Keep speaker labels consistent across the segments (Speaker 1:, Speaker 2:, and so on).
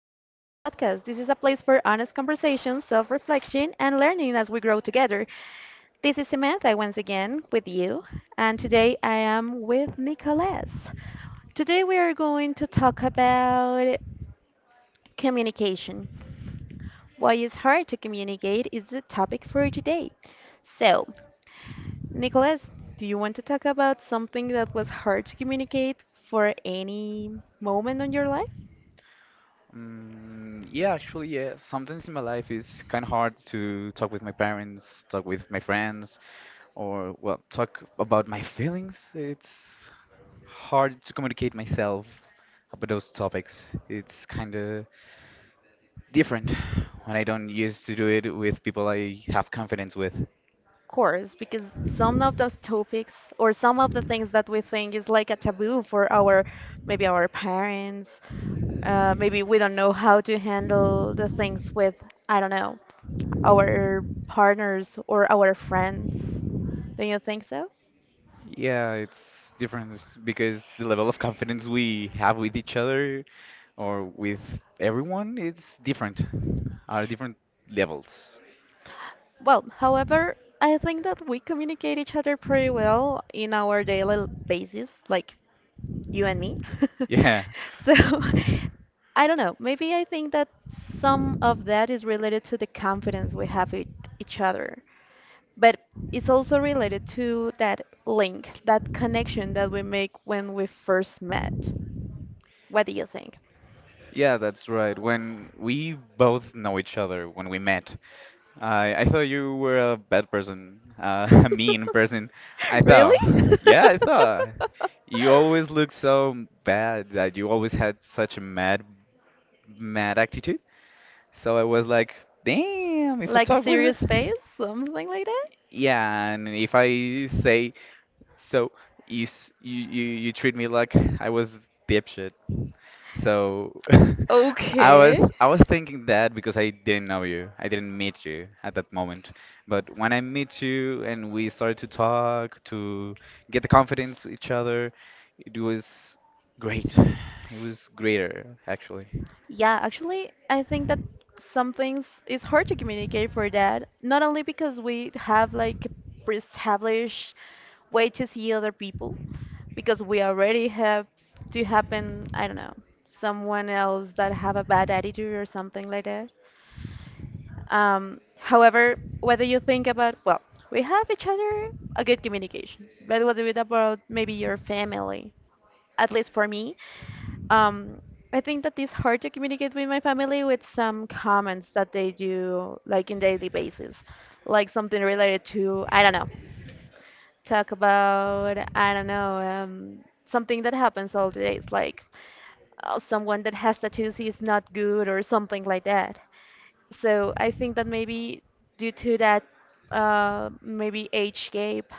Speaker 1: back to the podcast. This is a place for honest conversation, self reflection, and learning as we grow together. This is Samantha once again with you, and today I am with Nicolas. Today we are going to talk about communication. Why it's hard to communicate is the topic for today. So, Nicolas, do you want to talk about something that was hard to communicate for any moment in your life?
Speaker 2: Yeah. Sometimes in my life, it's kind of hard to talk with my parents, talk with my friends, or, well, talk about my feelings. It's hard to communicate myself about those topics. It's kind of different when I don't used to do it with people I have confidence with.
Speaker 1: Course, because some of those topics or some of the things that we think is like a taboo for our maybe our parents, maybe we don't know how to handle the things with, I don't know, our partners or our friends. Don't you think so?
Speaker 2: Yeah, it's different because the level of confidence we have with each other or with everyone, it's different. Are different levels.
Speaker 1: Well, however, I think that we communicate each other pretty well in our daily basis, like you and me.
Speaker 2: Yeah.
Speaker 1: So I don't know. Maybe I think that some of that is related to the confidence we have with each other, but it's also related to that link, that connection that we make when we first met. What do you think?
Speaker 2: Yeah, that's right. When we both know each other, when we met, I thought you were a bad person, a mean person. I
Speaker 1: Really?
Speaker 2: thought, yeah, I thought you always looked so bad that you always had such a mad attitude. So I was like, damn, if I
Speaker 1: Like a
Speaker 2: talk with
Speaker 1: serious
Speaker 2: her,
Speaker 1: face, something like that?
Speaker 2: yeah, and if I say so, you s- you treat me like I was dipshit. So I
Speaker 1: Okay.
Speaker 2: was I was thinking that because I didn't know you. I didn't meet you at that moment. But when I meet you and we started to talk, to get the confidence with each other, it was great. It was greater actually.
Speaker 1: Yeah, actually, I think that some things is hard to communicate for that. Not only because we have like a pre-established way to see other people, because we already have to happen, I don't know, someone else that have a bad attitude or something like that. However, whether you think about, well, we have each other, a good communication. But what about maybe your family? At least for me, um, I think that it's hard to communicate with my family with some comments that they do like in daily basis, like something related to, I don't know, talk about, I don't know, something that happens all the days, like someone that has tattoos is not good or something like that. So I think that maybe due to that, maybe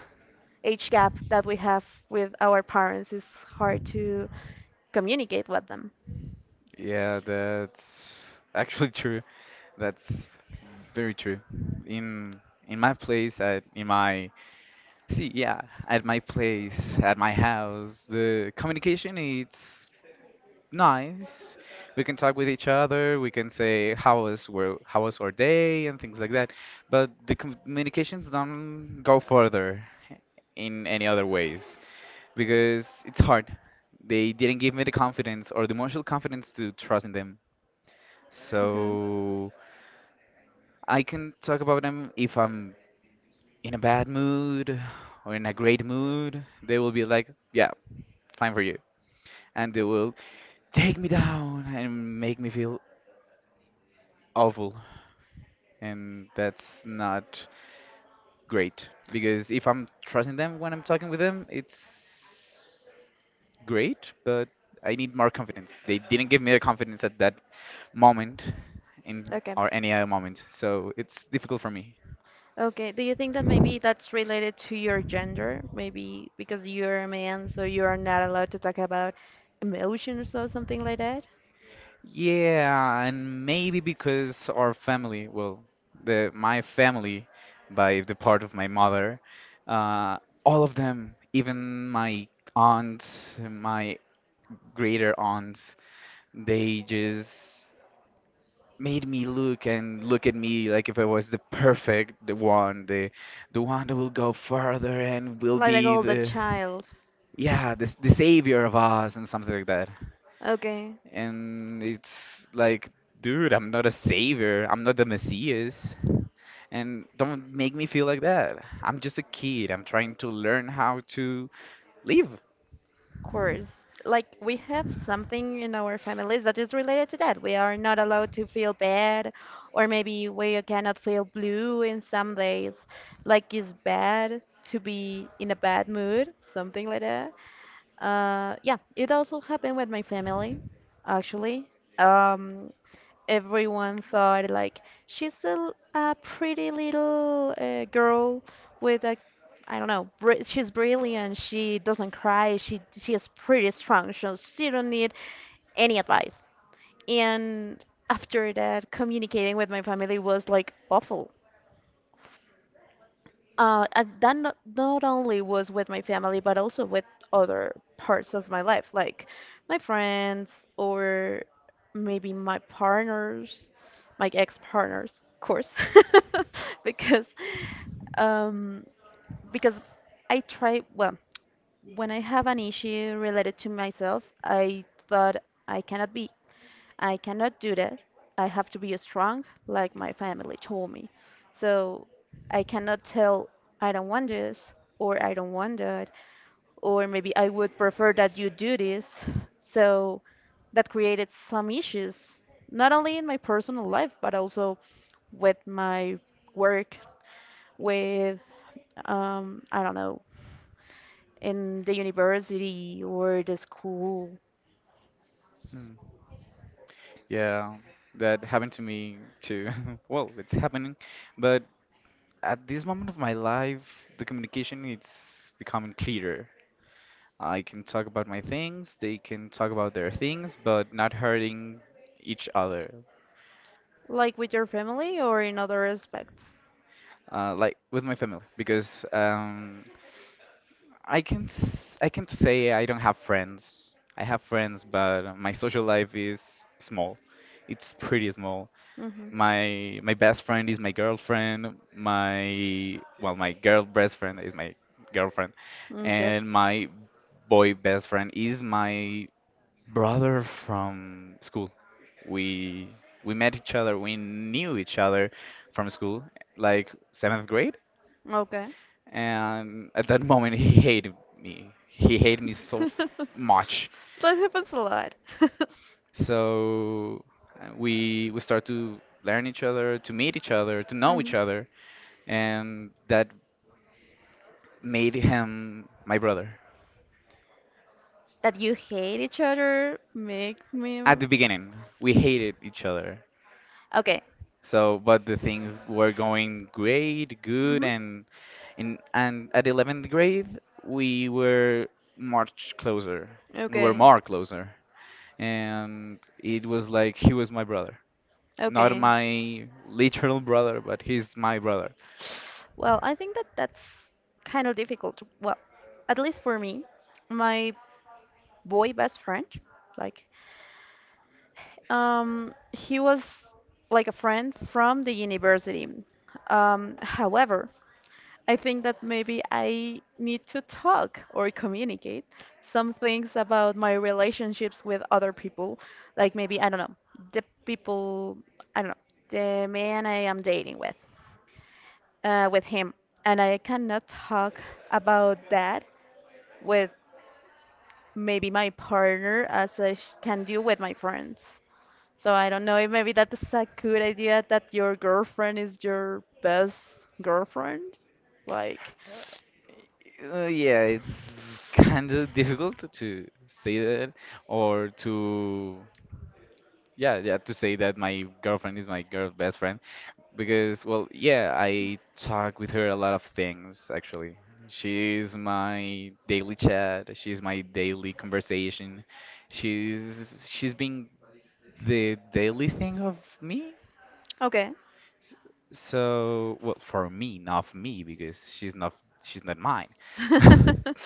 Speaker 1: age gap that we have with our parents is hard to communicate with them.
Speaker 2: Yeah, that's actually true. That's very true. In in my place at in my see, yeah, at my place, at my house, the communication it's nice. We can talk with each other. We can say how was our day and things like that. But the communications don't go further in any other ways because it's hard. They didn't give me the confidence or the emotional confidence to trust in them. So I can talk about them if I'm in a bad mood or in a great mood. They will be like, yeah, fine for you. And they will take me down and make me feel awful. And that's not great because if I'm trusting them when I'm talking with them, it's great, but I need more confidence. They didn't give me the confidence at that moment in
Speaker 1: Okay.
Speaker 2: or any other moment, so it's difficult for me.
Speaker 1: Okay. Do you think that maybe that's related to your gender? Maybe because you're a man, so you are not allowed to talk about emotions or something like that?
Speaker 2: Yeah, and maybe because our family, well, the my family by the part of my mother, uh, all of them, even my aunts, my greater aunts, they just made me look and look at me like if I was the perfect the one that will go further and will
Speaker 1: Like,
Speaker 2: be
Speaker 1: oh, the older
Speaker 2: the
Speaker 1: child.
Speaker 2: yeah, the savior of us and something like that.
Speaker 1: Okay,
Speaker 2: And it's like, dude, I'm not a savior. I'm not the Messias. And don't make me feel like that. I'm just a kid. I'm trying to learn how to live.
Speaker 1: of course. Like we have something in our families that is related to that. We are not allowed to feel bad, or maybe we cannot feel blue in some days. Like it's bad to be in a bad mood, something like that. Yeah, it also happened with my family, actually. Um, Everyone thought like she's a pretty little girl with a, I don't know, br she's brilliant. She doesn't cry. She is pretty strong. So she don't need any advice. And after that, communicating with my family was like awful. And that not, not only was with my family, but also with other parts of my life, like my friends or maybe my partners, my ex-partners, of course, because um, because I try, well, when I have an issue related to myself, I thought I cannot be I cannot do that. I have to be strong, like my family told me. So I cannot tell I don't want this or I don't want that, or maybe I would prefer that you do this. So that created some issues, not only in my personal life, but also with my work, with, I don't know, in the university or the school,
Speaker 2: Hmm. Yeah, that happened to me too. Well, it's happening, but at this moment of my life, the communication it's becoming clearer. I can talk about my things, they can talk about their things, but not hurting each other.
Speaker 1: like with your family or in other aspects.
Speaker 2: Like with my family, because I can say I don't have friends. I have friends, but my social life is small. It's pretty small.
Speaker 1: Hmm.
Speaker 2: My best friend is my girlfriend, my well, my girl best friend is my girlfriend,
Speaker 1: Okay.
Speaker 2: and my boy best friend is my brother from school. We we met each other, we knew each other from school, like seventh grade.
Speaker 1: Okay.
Speaker 2: And at that moment, he hated me so much.
Speaker 1: That happens a lot.
Speaker 2: So we start to learn each other, to meet each other, to know each
Speaker 1: Mhm.
Speaker 2: other, and that made him my brother.
Speaker 1: That you hate each other make me.
Speaker 2: At the beginning, we hated each other.
Speaker 1: Okay.
Speaker 2: So, but the things were going great, good,
Speaker 1: Hmm.
Speaker 2: and in and at 11th grade, we were much closer. We were
Speaker 1: Okay.
Speaker 2: more closer, and it was like he was my brother, not
Speaker 1: Okay.
Speaker 2: my literal brother, but he's my brother.
Speaker 1: Well, I think that that's kind of difficult. Well, at least for me, my boy best friend, like he was like a friend from the university. However, I think that maybe I need to talk or communicate some things about my relationships with other people. Like maybe, I don't know, the people, I don't know, the man I am dating with him. And I cannot talk about that with maybe my partner as can do with my friends. So I don't know if maybe that's a good idea that your girlfriend is your best girlfriend. Like,
Speaker 2: Yeah, it's kind of difficult to say that or to yeah, to say that my girlfriend is my girl best friend because, well, yeah, I talk with her a lot of things actually. She's my daily chat, she's my daily conversation. She's been the daily thing of me.
Speaker 1: okay.
Speaker 2: S- So, well, for me, not for me, because she's not mine.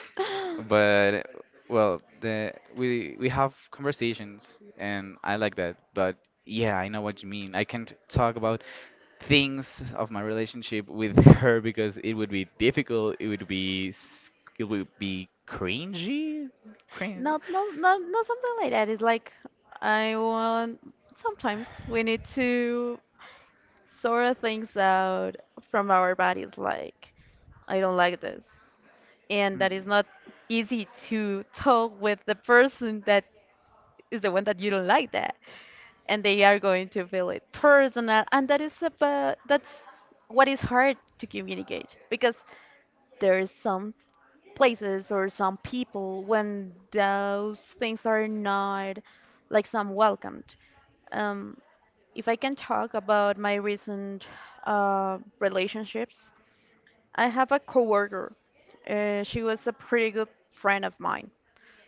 Speaker 2: But well, the we have conversations, and I like that. But yeah, I know what you mean. I can't talk about things of my relationship with her because it would be difficult. It would be cringy, cringe.
Speaker 1: Not, not, not, not something like that. It's like I want. Sometimes we need to sort of things out from our bodies. Like I don't like this, and
Speaker 2: Hmm.
Speaker 1: that is not easy to talk with the person that is the one that you don't like that, and they are going to feel it personal and that is about that's what is hard to communicate because there's some places or some people when those things are not like some welcomed. um, if I can talk about my recent relationships, I have a coworker. She was a pretty good friend of mine.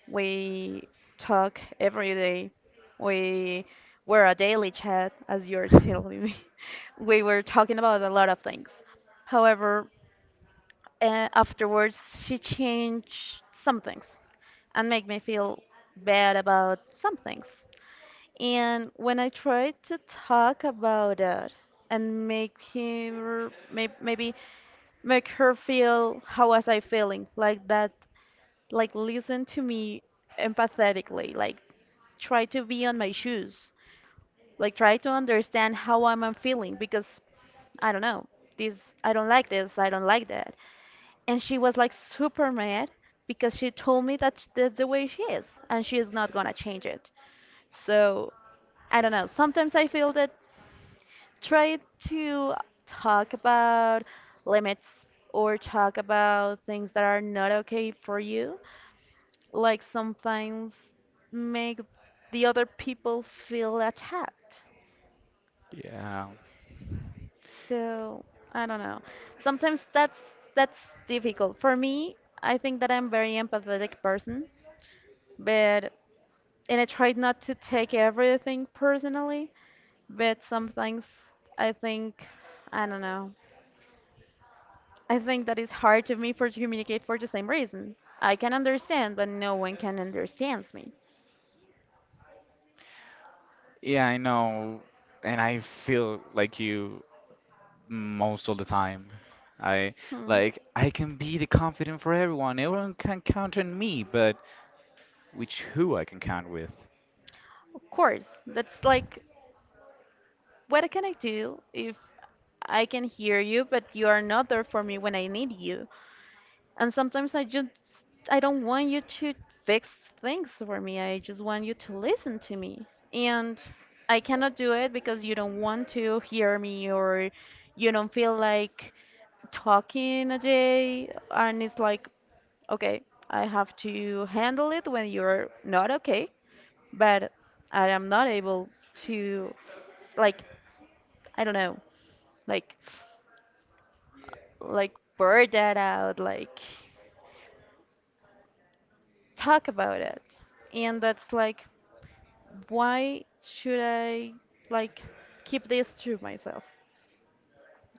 Speaker 1: We talk every day. We were a daily chat, as you're telling me. We were talking about a lot of things. However, afterwards, she changed some things and made me feel bad about some things. And when I tried to talk about it and make her maybe make her feel how was I feeling, like that, like listen to me empathetically, like try to be on my shoes, like try to understand how I feeling, because I don't know this. I don't like this. I don't like that. And she was like super mad, because she told me that that's the way she is, and she is not gonna change it. So I don't know. Sometimes I feel that try to talk about limits or talk about things that are not okay for you, like sometimes make the other people feel attacked.
Speaker 2: Yeah.
Speaker 1: So I don't know. Sometimes that's difficult. For me, I think that I'm very empathetic person, but and I try not to take everything personally, but some things I think I don't know. I think that it's hard to me for to communicate for the same reason. I can understand, but no one can understands me.
Speaker 2: Yeah, I know, and I feel like you most of the time. I
Speaker 1: Hmm.
Speaker 2: Like I can be the confident for everyone. Everyone can count on me, but which who I can count with?
Speaker 1: Of course, that's like what can I do if I can hear you, but you are not there for me when I need you? And sometimes I just I don't want you to fix things for me. I just want you to listen to me. And I cannot do it because you don't want to hear me, or you don't feel like talking a day, and it's like, okay, I have to handle it when you're not okay, but I am not able to like I don't know, like like blur that out, like talk about it. And that's like, why should I like keep this to myself?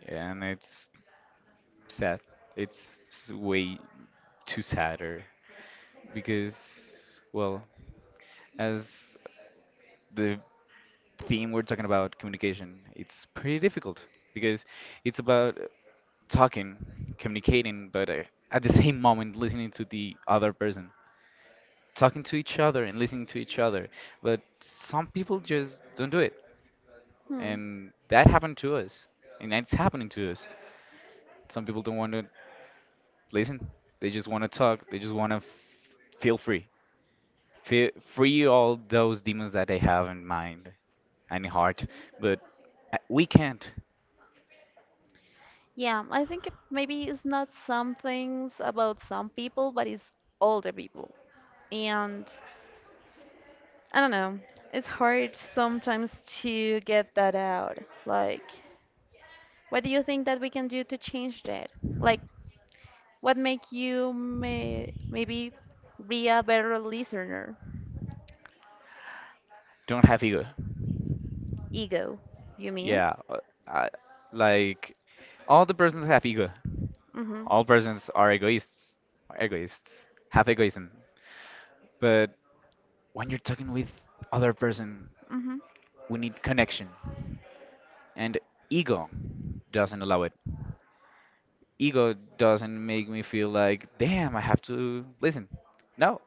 Speaker 2: And it's sad. Way too sadder because, well, as the theme we're talking about communication, it's pretty difficult because it's about talking, communicating, but at the same moment listening to the other person, talking to each other and listening to each other. But some people just don't do it.
Speaker 1: Hmm.
Speaker 2: And that happened to us. And that's happening to us. Some people don't want to listen. They just want to talk. They just want to f- feel free. Feel free all those demons that they have in mind and in heart. But we can't.
Speaker 1: Yeah, I think it maybe it's not some things about some people, but it's all the people. And I don't know, it's hard sometimes to get that out. Like, what do you think that we can do to change that? Like, what make you maybe be a better listener?
Speaker 2: Don't have ego.
Speaker 1: Ego, you mean?
Speaker 2: Yeah. I, like, all the persons have ego.
Speaker 1: Mhm.
Speaker 2: All persons are egoists. Are egoists. Have egoism. But when you're talking with other person,
Speaker 1: Mhm.
Speaker 2: we need connection, and ego doesn't allow it. Ego doesn't make me feel like, damn, I have to listen. No,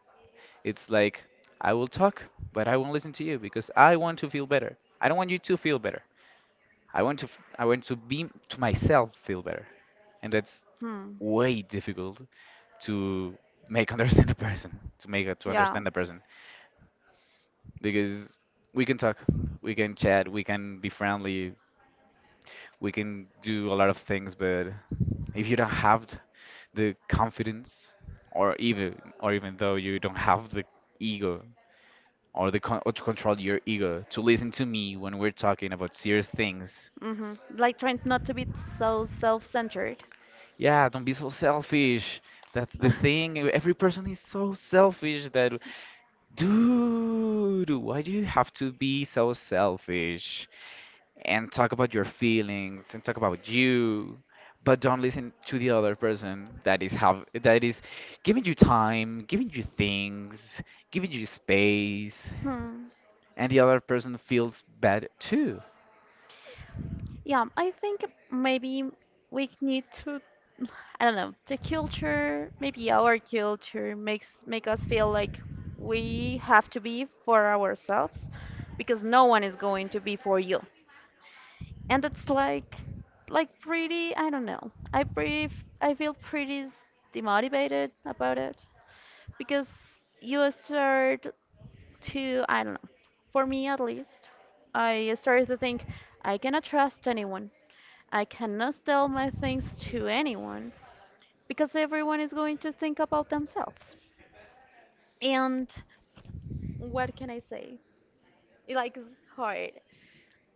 Speaker 2: it's like, I will talk but I won't listen to you because I want to feel better. I don't want you to feel better. I want to be to myself feel better. And that's
Speaker 1: Hmm.
Speaker 2: way difficult to make understand a person, to
Speaker 1: Yeah.
Speaker 2: understand a person, because we can talk, we can chat, we can be friendly, we can do a lot of things, but if you don't have the confidence, or even, or even though you don't have the ego or the or to control your ego to listen to me when we're talking about serious things.
Speaker 1: Mhm. Like trying not to be so self-centered.
Speaker 2: Yeah, don't be so selfish. That's the thing, every person is so selfish that, dude, why do you have to be so selfish and talk about your feelings and talk about you, but don't listen to the other person that is giving you time, giving you things, giving you space,
Speaker 1: Hmm.
Speaker 2: and the other person feels bad too.
Speaker 1: Yeah, I think maybe we need to, I don't know, the culture, maybe our culture makes make us feel like we have to be for ourselves, because no one is going to be for you. And that's like pretty I don't know I pretty I feel pretty demotivated about it, because you start to I don't know, for me at least, I started to think I cannot trust anyone. I cannot tell my things to anyone, because everyone is going to think about themselves. And what can I say? It like is hard.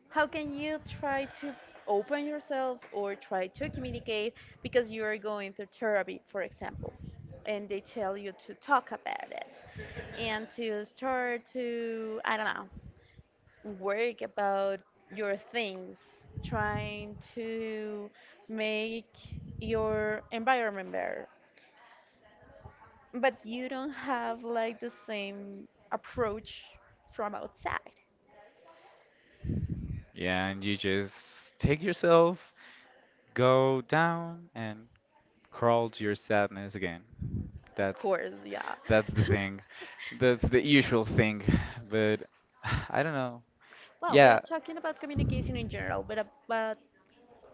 Speaker 1: How can you try to open yourself or try to communicate, because you are going through therapy, for example, and they tell you to talk about it and to start to, I don't know, work about your things, trying to make your environment better. But you don't have like the same approach from outside.
Speaker 2: Yeah, and you just take yourself, go down and crawl to your sadness again.
Speaker 1: Of
Speaker 2: that's
Speaker 1: course, yeah.
Speaker 2: that's the thing. That's the usual thing. But I don't know.
Speaker 1: Well, we are
Speaker 2: Yeah.
Speaker 1: talking about
Speaker 2: Mm.
Speaker 1: communication in general, but, but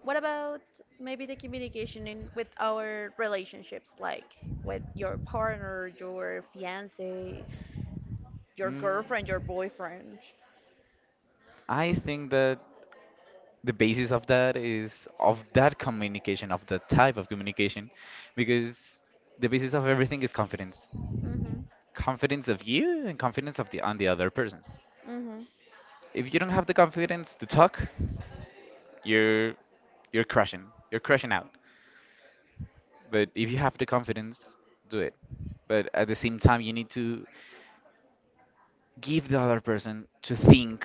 Speaker 1: what about maybe the communication in with our relationships, like with your partner, your fiance, your girlfriend, your boyfriend?
Speaker 2: I think that the basis of that is of that communication, of the type of communication, because the basis of everything is confidence.
Speaker 1: Mm-hmm.
Speaker 2: Confidence of you and confidence of the on the other person.
Speaker 1: Mm-hmm.
Speaker 2: If you don't have the confidence to talk, you're you're crashing. You're crashing out. But if you have the confidence, do it. But at the same time, you need to give the other person to think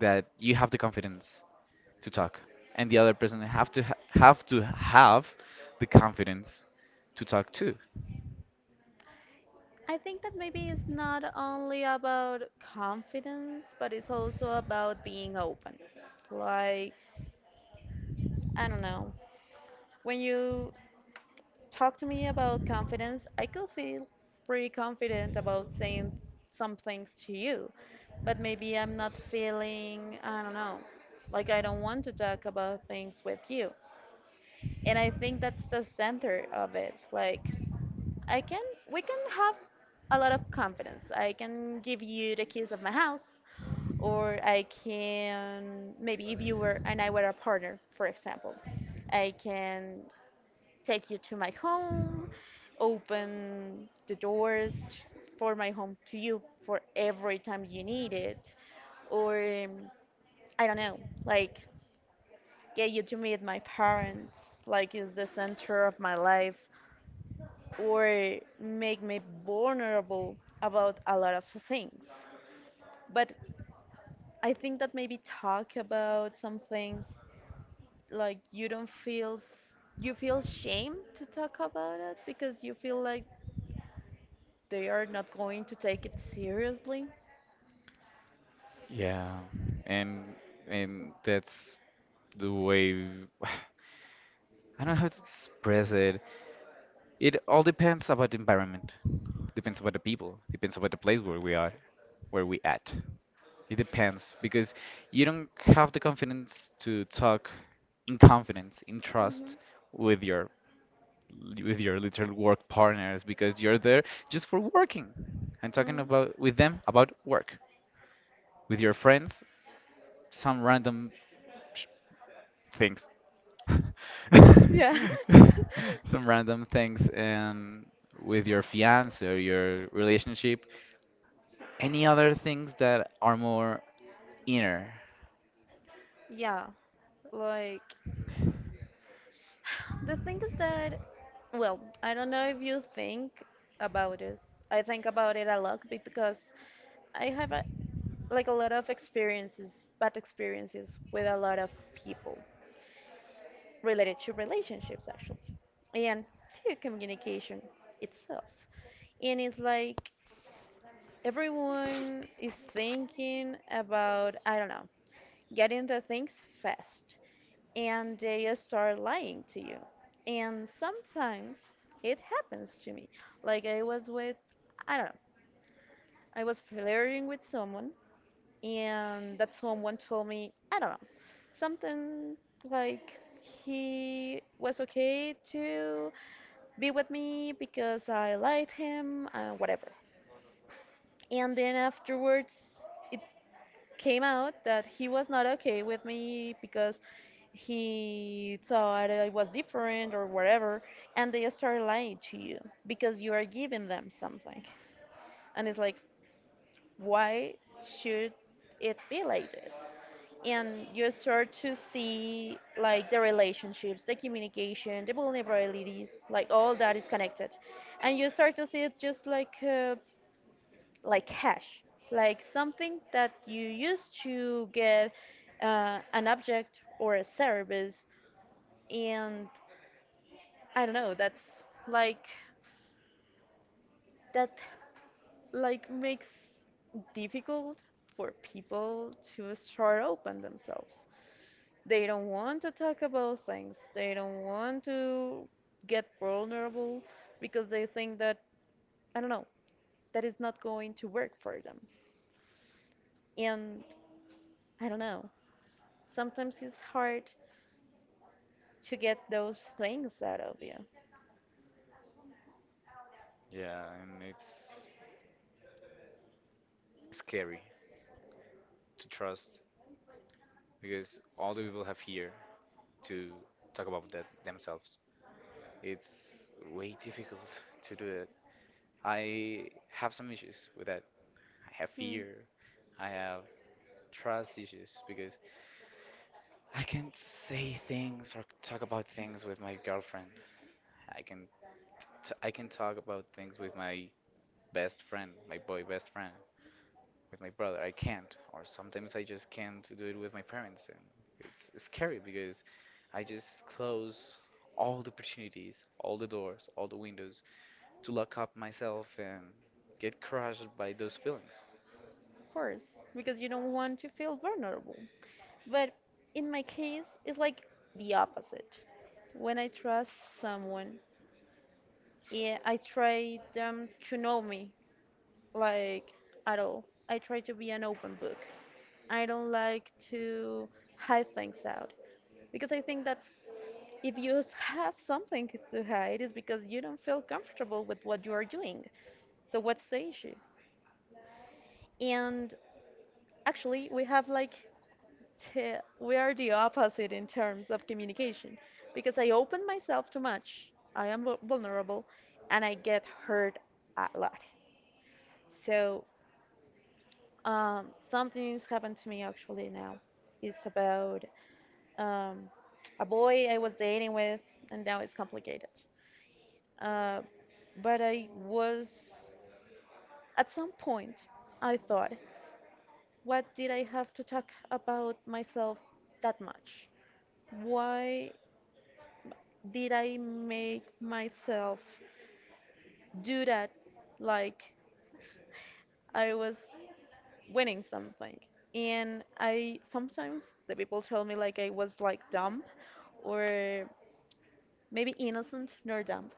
Speaker 2: that you have the confidence to talk, and the other person have to have the confidence to talk too.
Speaker 1: I think that maybe it's not only about confidence, but it's also about being open. Like, I don't know, when you talk to me about confidence, I could feel pretty confident about saying some things to you. But maybe I'm not feeling, I don't know, like I don't want to talk about things with you. And I think that's the center of it. Like, I can, we can have a lot of confidence. I can give you the keys of my house, or I can, maybe if you were and I were a partner, for example, I can take you to my home, open the doors t- for my home to you for every time you need it, or um, I don't know, like get you to meet my parents, like is the center of my life, or make me vulnerable about a lot of things. But I think that maybe talk about some things like you don't feel s- you feel shame to talk about it because you feel like they are not going to take it seriously.
Speaker 2: Yeah, and and that's the way I don't know how to express it. It all depends about the environment, depends about the people, depends about the place where we are, where we at. It depends because you don't have the confidence to talk in confidence, in
Speaker 1: Hmm.
Speaker 2: trust with your with your literal work partners because you're there just for working and talking
Speaker 1: Hmm.
Speaker 2: about with them about work. With your friends, some random sh- things.
Speaker 1: Yeah.
Speaker 2: Some random things, and with your fiance or your relationship. Any other things that are more inner?
Speaker 1: Yeah. Like, the thing is that, well, I don't know if you think about this. I think about it a lot because I have a, like a lot of experiences, bad experiences with a lot of people related to relationships, actually, and to communication itself. And it's like everyone is thinking about, I don't know, getting the things fast, and they start lying to you, and sometimes it happens to me, like I was with, I don't know, I was flirting with someone, and that someone told me, I don't know, something like he was okay to be with me because I liked him, whatever, and then afterwards it came out that he was not okay with me because he thought I was different or whatever, and they start lying to you because you are giving them something. And it's like, why should it be like this? And you start to see like the relationships, the communication, the vulnerabilities, like all that is connected. And you start to see it just like cash, like something that you use to get an object or a service, and I don't know, that's like that like makes difficult for people to start open themselves. They don't want to talk about things. They don't want to get vulnerable because they think that, I don't know, that is not going to work for them. And I don't know. Sometimes it's hard to get those things out of you.
Speaker 2: Yeah, and it's scary to trust because all the people have here to talk about that themselves. It's way difficult to do that. I have some issues with that. I have fear.
Speaker 1: Mm,
Speaker 2: I have trust issues because I can't say things or talk about things with my girlfriend. I can I can talk about things with my best friend, my boy best friend, with my brother. I can't, or sometimes I just can't do it with my parents, and it's scary because I just close all the opportunities, all the doors, all the windows to lock up myself and get crushed by those feelings.
Speaker 1: of course, because you don't want to feel vulnerable. But in my case, it's like the opposite. When I trust someone, yeah, I try them to know me, like at all. I try to be an open book. I don't like to hide things out because I think that if you s- have something to hide, it's because you don't feel comfortable with what you are doing. So what's the issue? And actually, we have like we are the opposite in terms of communication because I open myself too much. I am vulnerable and I get hurt a lot. So, something's happened to me actually now. It's about um, a boy I was dating with, and now it's complicated. Uh, but I was, at some point, I thought, what did I have to talk about myself that much? Why did I make myself do that? Like I was winning something. And I sometimes the people tell me like I was like dumb or maybe innocent, nor dumb,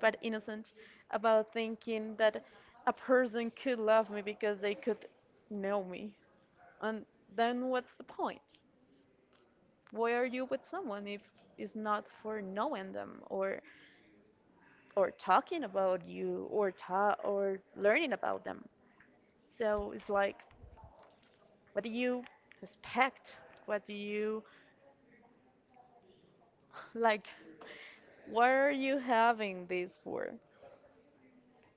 Speaker 1: but innocent about thinking that a person could love me because they could know me. And then what's the point? Why are you with someone if it's not for knowing them or talking about you or or learning about them. So it's like, what do you expect? What do you like? What are you having this for?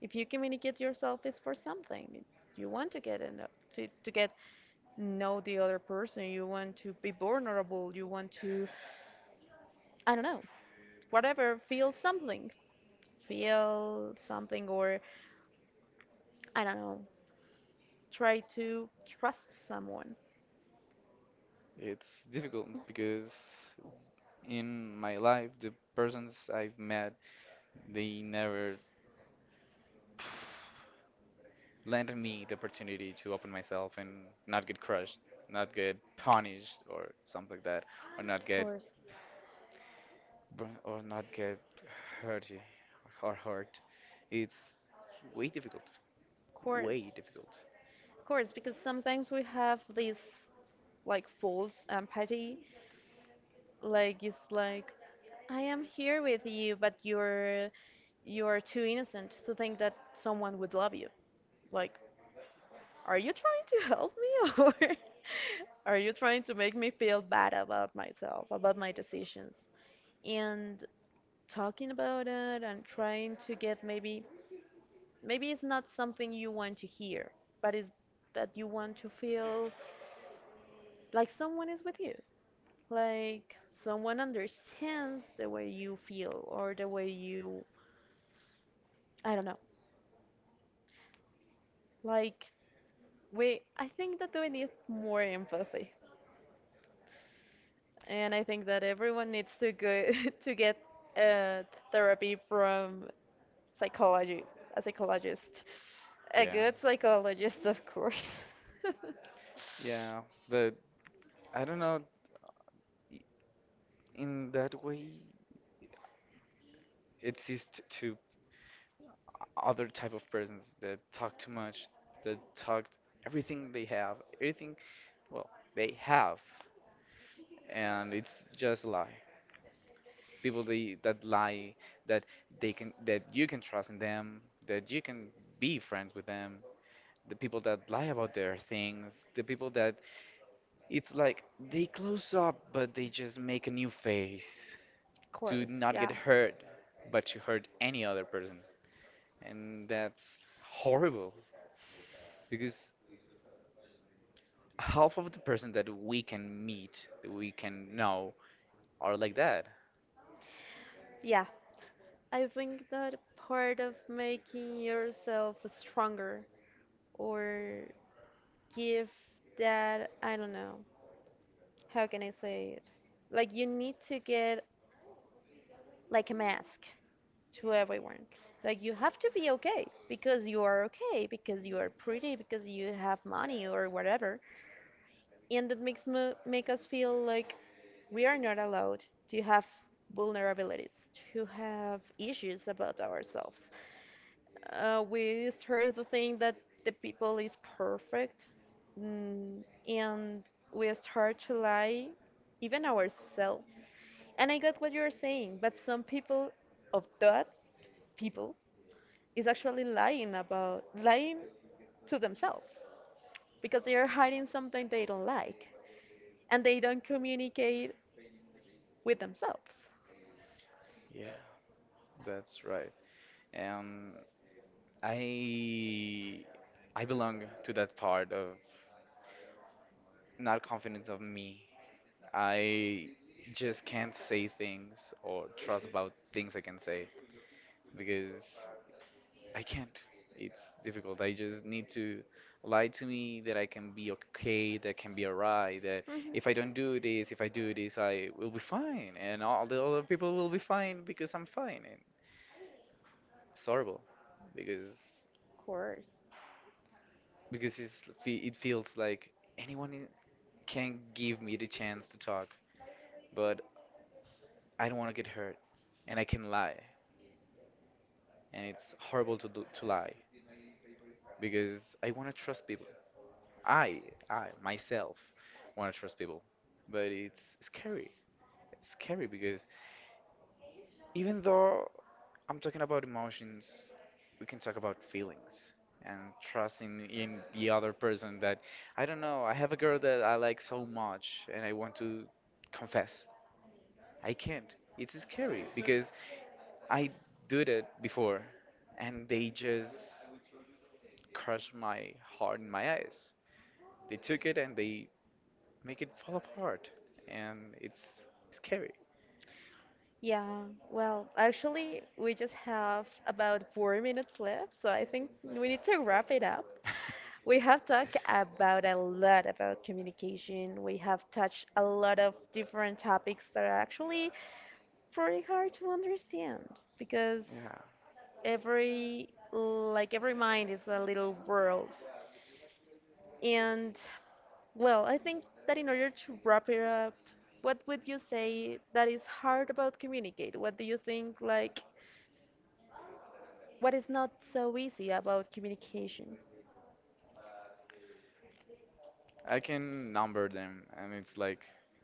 Speaker 1: If you communicate yourself, it's for something. You want to get in to get know the other person. You want to be vulnerable. You want to, I don't know, whatever. Feel something. Feel something, or I don't know. Try to trust someone.
Speaker 2: It's difficult because in my life, the persons I've met, they never lent me the opportunity to open myself and not get crushed, not get punished or something like that, or not
Speaker 1: Of
Speaker 2: get
Speaker 1: course,
Speaker 2: or not get hurt or hurt. It's way difficult.
Speaker 1: of course.
Speaker 2: Way difficult.
Speaker 1: Of course, because sometimes we have this like false empathy, like it's like I am here with you, but you are too innocent to think that someone would love you. Like, are you trying to help me or are you trying to make me feel bad about myself, about my decisions? And talking about it and trying to get maybe, maybe it's not something you want to hear, but it's that you want to feel like someone is with you. Like someone understands the way you feel or the way you, I don't know. Like I think that we need more empathy, and I think that everyone needs to go to get uh, therapy from psychology, a psychologist, a
Speaker 2: Yeah.
Speaker 1: good psychologist, of course.
Speaker 2: Yeah, but I don't know. i- In that way, exists to other type of persons that talk too much, that talk everything they have, everything, well, they have, and it's just a lie. People they, that lie that they can that you can trust in them, that you can be friends with them, the people that lie about their things, the people that, it's like they close up, but they just make a new face
Speaker 1: Of
Speaker 2: to
Speaker 1: course,
Speaker 2: not get
Speaker 1: yeah.
Speaker 2: hurt, but to hurt any other person. And that's horrible because half of the person that we can meet, that we can know, are like that.
Speaker 1: Yeah, I think that part of making yourself stronger or give that, I don't know, how can I say it, like you need to get like a mask to everyone, like you have to be okay because you are okay, because you are pretty, because you have money or whatever, and that makes me make us feel like we are not allowed to have vulnerabilities, to have issues about ourselves. We start to think that the people is perfect, mm, and we start to lie even ourselves, and I got what you're saying, but some people of that people is actually lying about lying to themselves because they are hiding something they don't like and they don't communicate with themselves.
Speaker 2: Yeah, that's right. um I I belong to that part of not confidence of me. I just can't say things or trust about things I can say because I can't. It's difficult. I just need to lie to me that I can be okay, that I can be alright, that if
Speaker 1: Mhm.
Speaker 2: I don't do this, if I do this, I will be fine, and all the other people will be fine because I'm fine. And it's horrible because
Speaker 1: Of course.
Speaker 2: it feels like anyone can give me the chance to talk, but I don't want to get hurt, and I can lie, and it's horrible to do, to lie because I want to trust people. I I myself want to trust people, but it's scary. It's scary because even though I'm talking about emotions, we can talk about feelings and trusting in the other person that I don't know. I have a girl that I like so much, and I want to confess. I can't. It's scary because I did it before, and they just crushed my heart in my eyes. They took it and they make it fall apart, and it's scary.
Speaker 1: Yeah, well, actually, we just have about four minutes left, so I think we need to wrap it up. We have talked about a lot about communication. We have touched a lot of different topics that are actually pretty hard to understand because
Speaker 2: Yeah,
Speaker 1: every, like every mind is a little world. And well, I think that in order to wrap it up, what would you say that is hard about communicate? What do you think like what is not so easy about communication?
Speaker 2: I can number them, and it's like,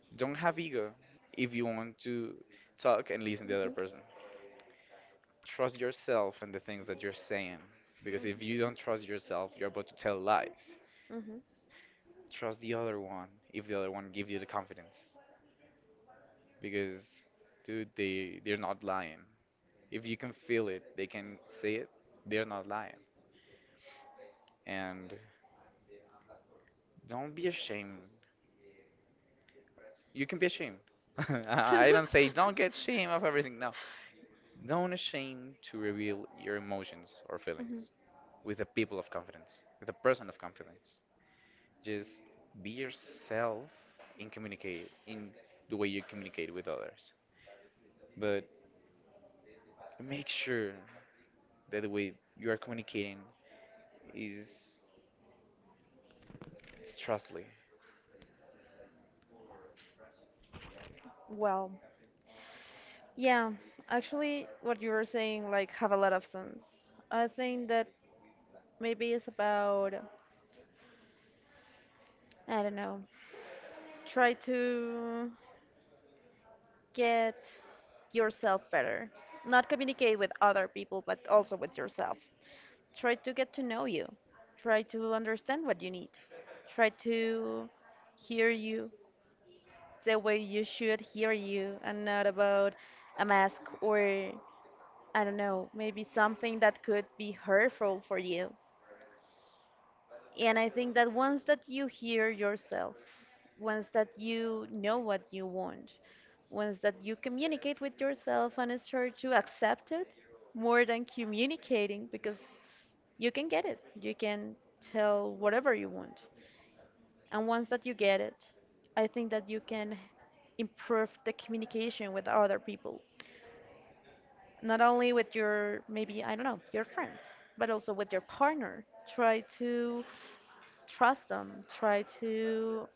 Speaker 2: don't have ego if you want to talk and listen to the other
Speaker 1: Hmm.
Speaker 2: person. Trust yourself and the things that you're saying, because if you don't trust yourself, you're about to tell lies.
Speaker 1: Hmm.
Speaker 2: Trust the other one if the other one gives you the confidence. Because dude, they're not lying. If you can feel it, they can see it. They're not lying. And don't be ashamed. You can be ashamed. I don't say don't get shame of everything, no. Don't ashamed to reveal your emotions or feelings
Speaker 1: Hmm.
Speaker 2: with a people of confidence, with a person of confidence. Just be yourself and communicate in the way you communicate with others, but make sure that the way you are communicating is trustly.
Speaker 1: Well, yeah, actually, what you were saying, like, have a lot of sense. I think that maybe it's about, I don't know, try to get yourself better. Not communicate with other people, but also with yourself. Try to get to know you. Try to understand what you need. Try to hear you, the way you should hear you and not about a mask or, I don't know, maybe something that could be hurtful for you. And I think that once that you hear yourself, once that you know what you want, once that you communicate with yourself and start to accept it more than communicating because you can get it. You can tell whatever you want. And once that you get it, I think that you can improve the communication with other people. Not only with your, maybe, I don't know, your friends, but also with your partner. Try to trust them, try to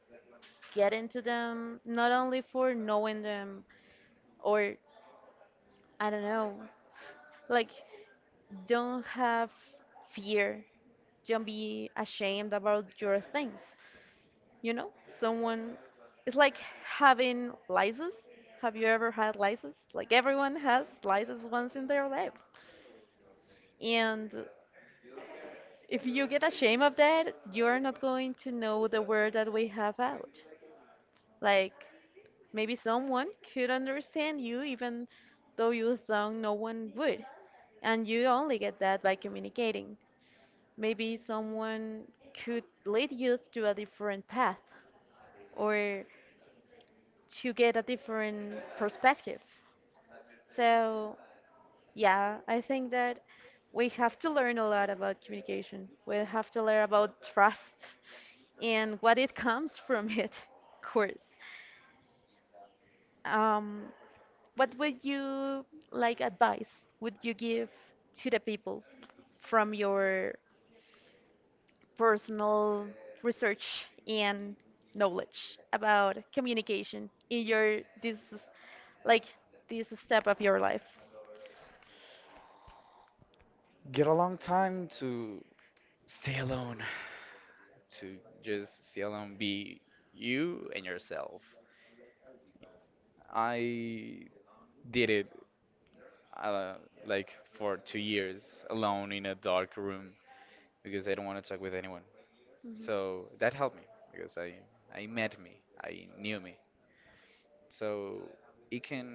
Speaker 1: get into them, not only for knowing them or, I don't know, like, don't have fear, don't be ashamed about your things. You know, someone. It's like having lysis. Have you ever had lysis? Like everyone has lysis once in their life. And if you get ashamed of that, you're not going to know the word that we have out. Like maybe someone could understand you even though you thought no one would. And you only get that by communicating. Maybe someone could lead you to a different path or to get a different perspective. So, yeah, I think that we have to learn a lot about communication. We have to learn about trust and what it comes from it, of course. Um, what would you like advice would you give to the people from your personal research and knowledge about communication in your this like this step of your life?
Speaker 2: Get a long time to stay alone, to just stay alone, be you and yourself. I did it uh, like for 2 years alone in a dark room because I don't want to talk with anyone. So that helped me because I met me, I knew me. So it can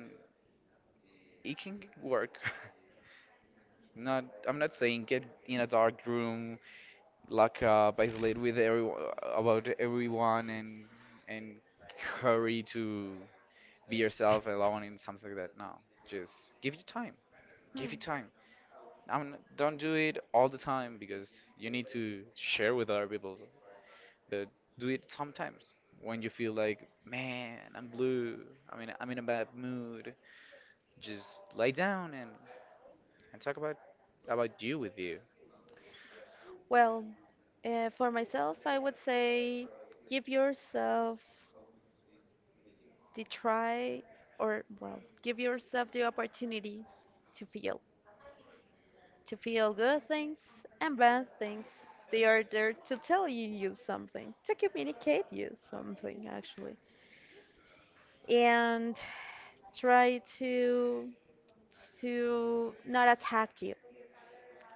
Speaker 2: it can work. Not, I'm not saying get in a dark room like basically with everyone, about everyone, and hurry to be yourself alone and something like that. No, just give you time. Give you
Speaker 1: Hmm.
Speaker 2: time. I mean, don't do it all the time because you need to share with other people. But do it sometimes when you feel like, man, I'm blue. I mean, I'm in a bad mood. Just lay down and talk about you with you.
Speaker 1: Well, for myself, I would say give yourself the try, or well, give yourself the opportunity to feel, to feel good things and bad things. They are there to tell you something, to communicate you something actually, and try to not attack you.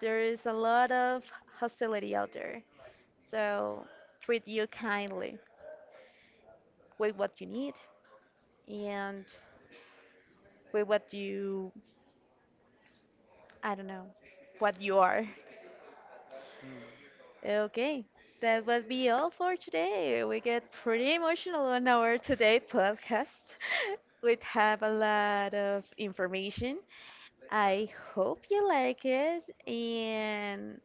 Speaker 1: There is a lot of hostility out there, so treat you kindly with what you need and with what you, I don't know, what you are.
Speaker 2: Hmm.
Speaker 1: Okay, that would be all for today. We get pretty emotional on our today podcast. We have a lot of information. I hope you like it, and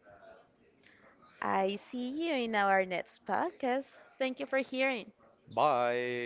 Speaker 1: I see you in our next podcast. Thank you for hearing.
Speaker 2: Bye.